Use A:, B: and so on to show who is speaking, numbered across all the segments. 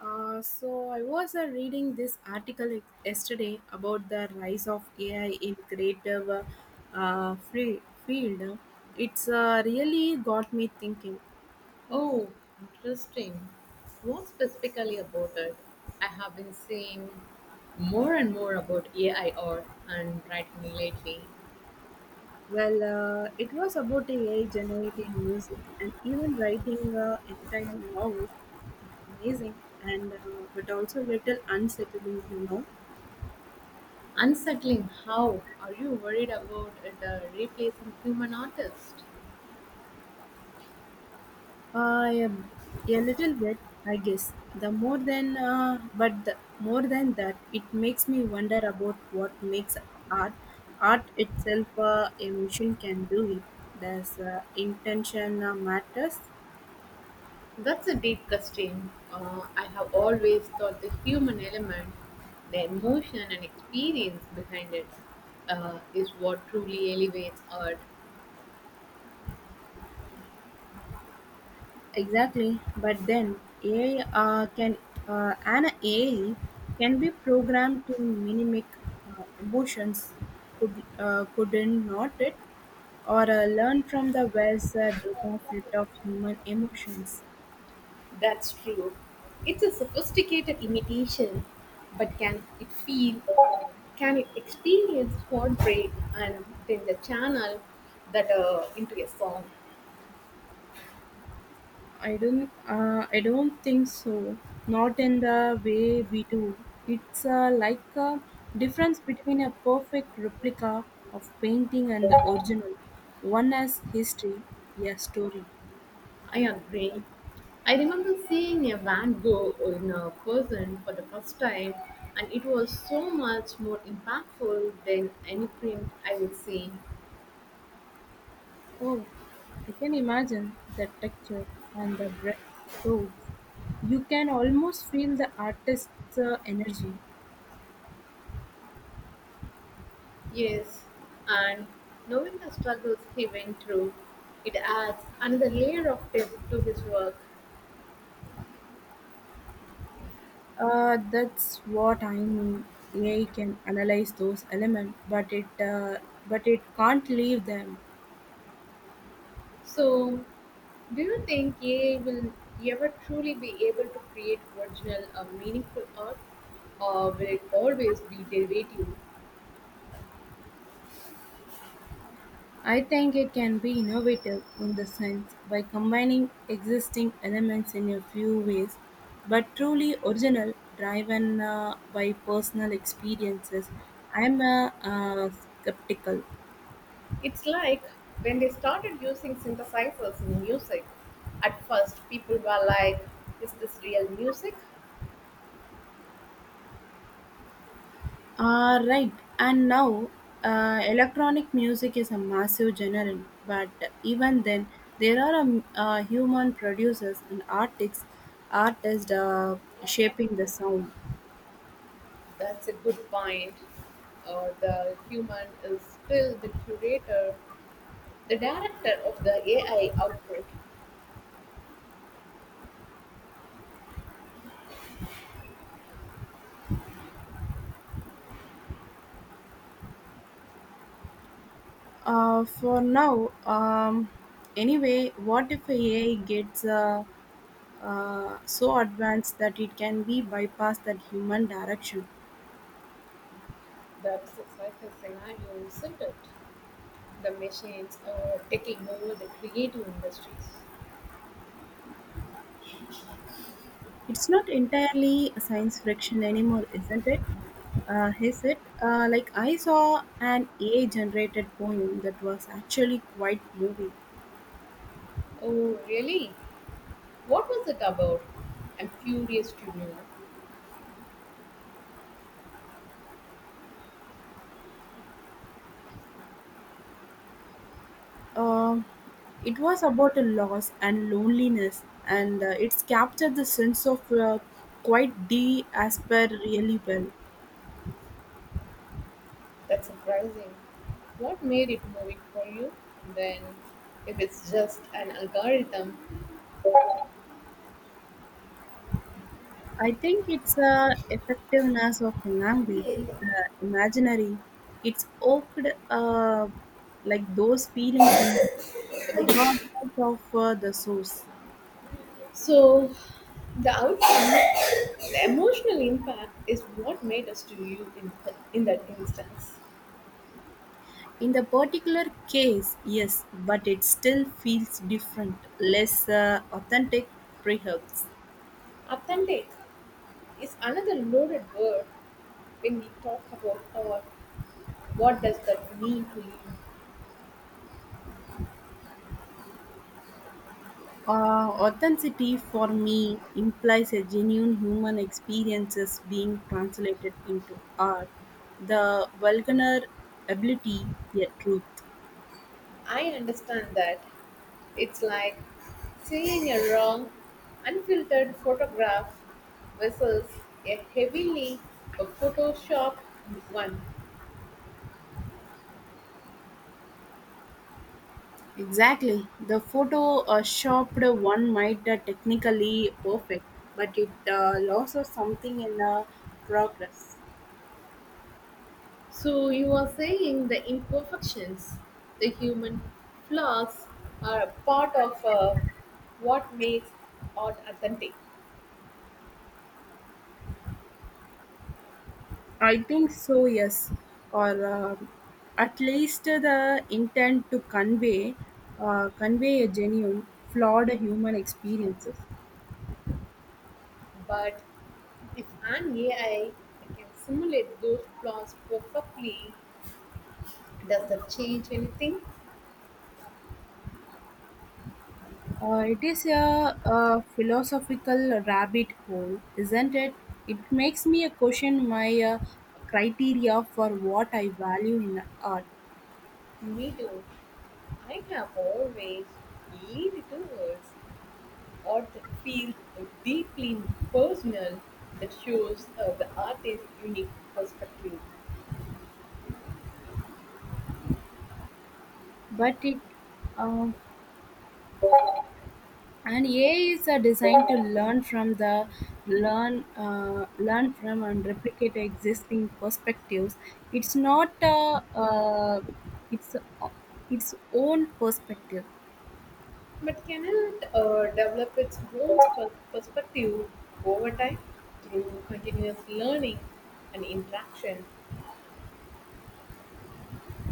A: So I was reading this article yesterday about the rise of AI in creative free field. It's really got me thinking.
B: Oh, interesting. What specifically about it? I have been seeing more and more about AI art and writing lately.
A: Well, it was about AI generating music and even writing entire novels. It's amazing and but also little unsettling,
B: Unsettling how? Are you worried about it replacing human artists?
A: Uh, a, little bit, I guess. The more than, but the more than that, it makes me wonder about what makes art. Art itself, a machine can do it. Does intention matters?
B: That's a deep question. I have always thought the human element, the emotion and experience behind it, is what truly elevates art.
A: Exactly, but then AI can be programmed to mimic emotions, could couldn't not it, or learn from the vast data set of human emotions.
B: That's true. It's a sophisticated imitation, but can it feel, can it experience heartbreak and then the channel that into a song?
A: I don't think so. Not in the way we do. It's like a difference between a perfect replica of painting and the original. One has history, a story.
B: I agree. I remember seeing a Van Gogh in a person for the first time, and it was so much more impactful than any print I would see.
A: Oh, I can imagine the texture and the brush strokes. You can almost feel the artist's energy.
B: Yes, and knowing the struggles he went through, it adds another layer of depth to his work.
A: That's what I mean. AI can analyze those elements, but it can't leave them.
B: So, do you think AI will ever truly be able to create original or meaningful art, or will it always be derivative?
A: I think it can be innovative in the sense by combining existing elements in a few ways, but truly original, driven by personal experiences. I'm skeptical.
B: It's like when they started using synthesizers in music. At first, people were like, is this real music?
A: Ah, right. And now, electronic music is a massive genre, but even then, there are human producers and artists, artists shaping the sound.
B: That's a good point. The human is still the curator, the director of the AI output.
A: For now, anyway, what if AI gets so advanced that it can be bypassed that human direction?
B: That's a cycle scenario, isn't it? The machines are taking over the creative industries.
A: It's not entirely science fiction anymore, isn't it? He said, like I saw an AI-generated poem that was actually quite moving.
B: Oh, really? What was it about? I'm curious to know.
A: Um it was about a loss and loneliness, and it's captured the sense of quite de asper really well.
B: That's surprising. What made it moving for you then, if it's just an algorithm?
A: I think it's effectiveness of language, imaginary. It's evoked uh, like those feelings in regardless of the source.
B: So, the outcome, the emotional impact is what matters to you in that instance.
A: In the particular case, yes, but it still feels different, less authentic, perhaps.
B: Authentic is another loaded word when we talk about art. What does that mean to you?
A: Authenticity for me implies a genuine human experiences being translated into art, the vulgar ability, yet truth.
B: I understand that. It's like seeing a raw, unfiltered photograph versus a heavily photoshopped one.
A: Exactly. The photo shopped one might technically perfect, but it loses something in the progress.
B: So you are saying the imperfections, the human flaws, are a part of what makes art authentic.
A: I think so, yes, or at least the intent to convey convey a genuine, flawed human experiences.
B: But if an AI can simulate those flaws perfectly, does that change anything?
A: It is a philosophical rabbit hole, isn't it? It makes me question my criteria for what I value in art,
B: Me too. I have always leaned towards art that feels deeply personal, that shows the artist's unique perspective,
A: but it uh, and AI is designed to learn from and replicate existing perspectives. It's not it's It's own perspective.
B: but cannot develop its own perspective over time through continuous learning and interaction.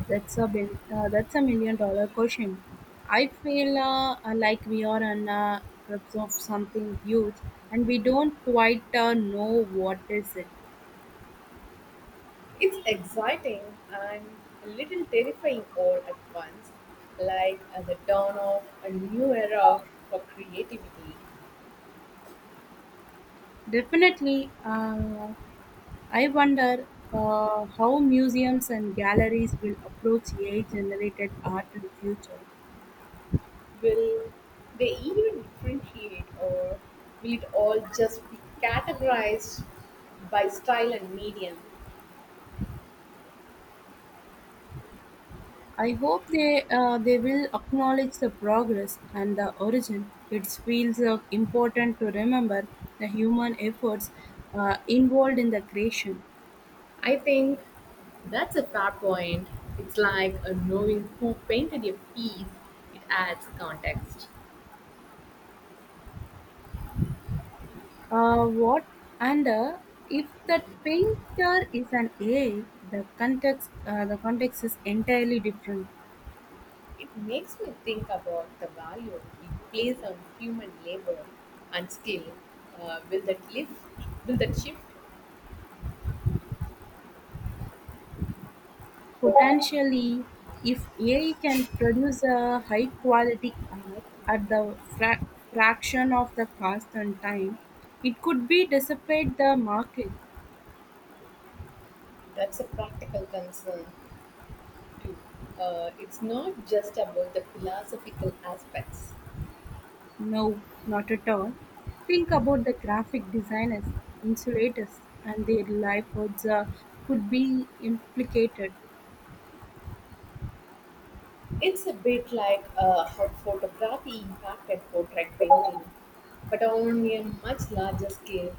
A: That's a $1 million question. I feel like we are on grips of something huge, and we don't quite know what is it.
B: It's exciting and a little terrifying all at once, like at the dawn of a new era for creativity.
A: Definitely. I wonder how museums and galleries will approach AI-generated art in future.
B: Will they even differentiate, or will it all just be categorized by style and medium?
A: I hope they will acknowledge the progress and the origin. It feels important to remember the human efforts involved in the creation.
B: I think that's a fair point. It's like knowing who painted a piece, it adds context.
A: What and if that painter is an AI, the context is entirely different.
B: It makes me think about the value we place on human labor and skill. Will that lift? Will that shift?
A: Potentially, if AI can produce a high-quality art at the fraction of the cost and time, it could be dissipate the market.
B: That's a practical concern. It's not just about the philosophical aspects.
A: No, not at all. Think about the graphic designers, insulators, and their livelihoods could be implicated.
B: It's a bit like how photography impacted portrait painting, but on a much larger scale.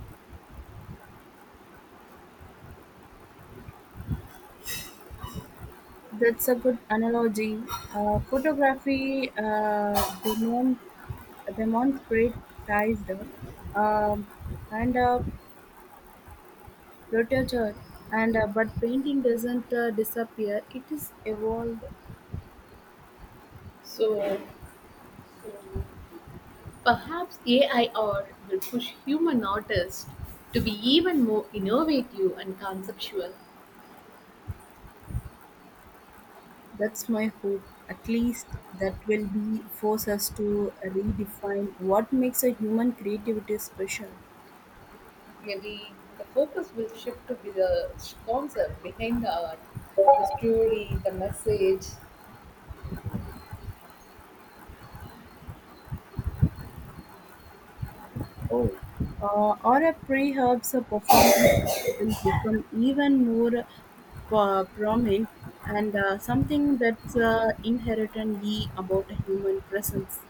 A: That's a good analogy. Photography demonetized um and rotated and but painting doesn't disappear it is evolved.
B: So perhaps AI art will push human artists to be even more innovative and conceptual.
A: That's my hope, at least, that will be force us to redefine what makes a human creativity special.
B: Maybe the focus will shift to be the concept behind the art, the story, the message.
A: Oh, or a pre-herbs performance will become even more prominent and something that's inherently about a human presence,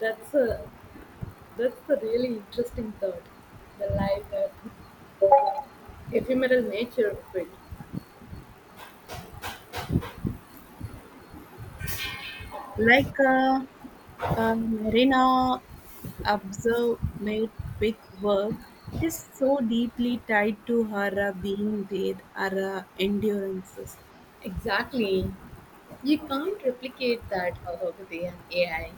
B: That's a That's the really interesting thought the life, ephemeral nature of it.
A: like a marina observe made big work. It is so deeply tied to her being there her endurances.
B: Exactly. You can't replicate that with an AI.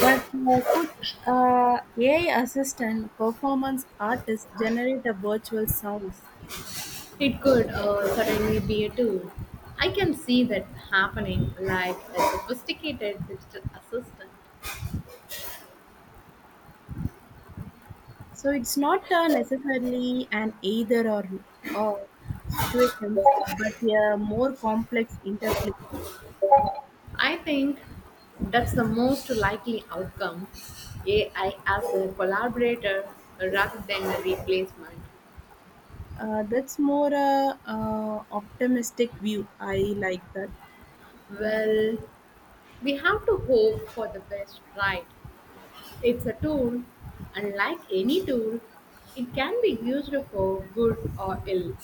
A: But Could ai assistant performance artists generate a virtual sounds?
B: It could certainly be a tool. I can see that happening like a sophisticated digital assistant.
A: So it's not necessarily an either or situations, but a more complex interplay.
B: I think that's the most likely outcome AI as a collaborator rather than a replacement.
A: That's more a optimistic view. I like that.
B: Well, we have to hope for the best, right? It's a tool, unlike any tool, it can be used for good or ill.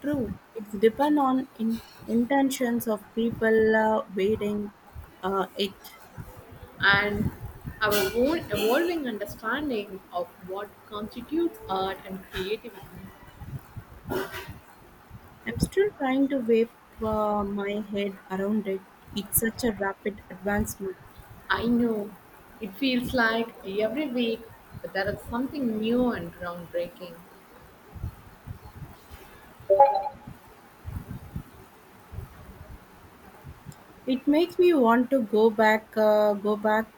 A: True, it's depend on intentions of people waiting it.
B: And our own evolving understanding of what constitutes art and creativity.
A: I'm still trying to wrap my head around it. It's such a rapid advancement.
B: I know it feels like every week there is something new and groundbreaking.
A: It makes me want to go back,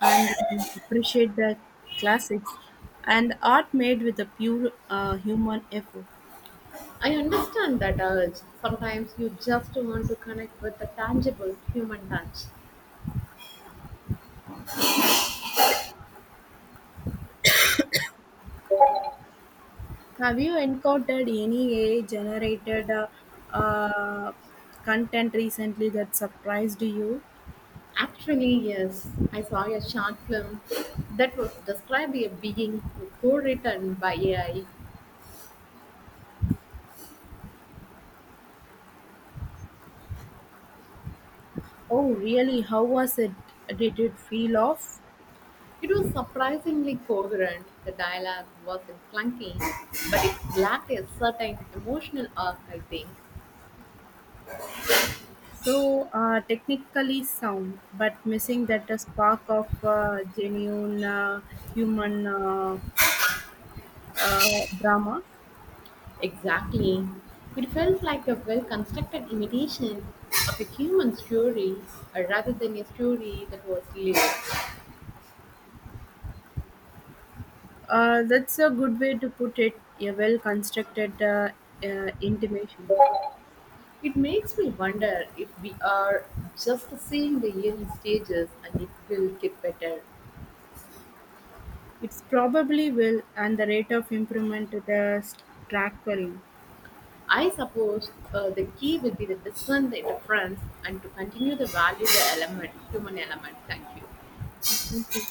A: and appreciate the classics and art made with a pure human effort.
B: I understand that urge. Sometimes you just want to connect with the tangible human touch.
A: Have you encountered any AI-generated uh, content recently that surprised you?
B: Actually, yes, I saw a short film that was described a being co-written by AI.
A: Oh, really? How was it? Did it feel off?
B: It was surprisingly coherent. The dialogue wasn't clunky, but it lacked a certain emotional arc, I think.
A: So technically sound, but missing that spark of genuine human drama.
B: Exactly. It felt like a well-constructed imitation of a human story rather than a story that was lived.
A: That's a good way to put it. A well-constructed intimation.
B: It makes me wonder if we are just seeing the early stages and it will get better.
A: It's probably will, and the rate of improvement to the staggering.
B: I suppose the key will be to discern the difference and to continue the value the element, human element. Thank you.
A: Thank you.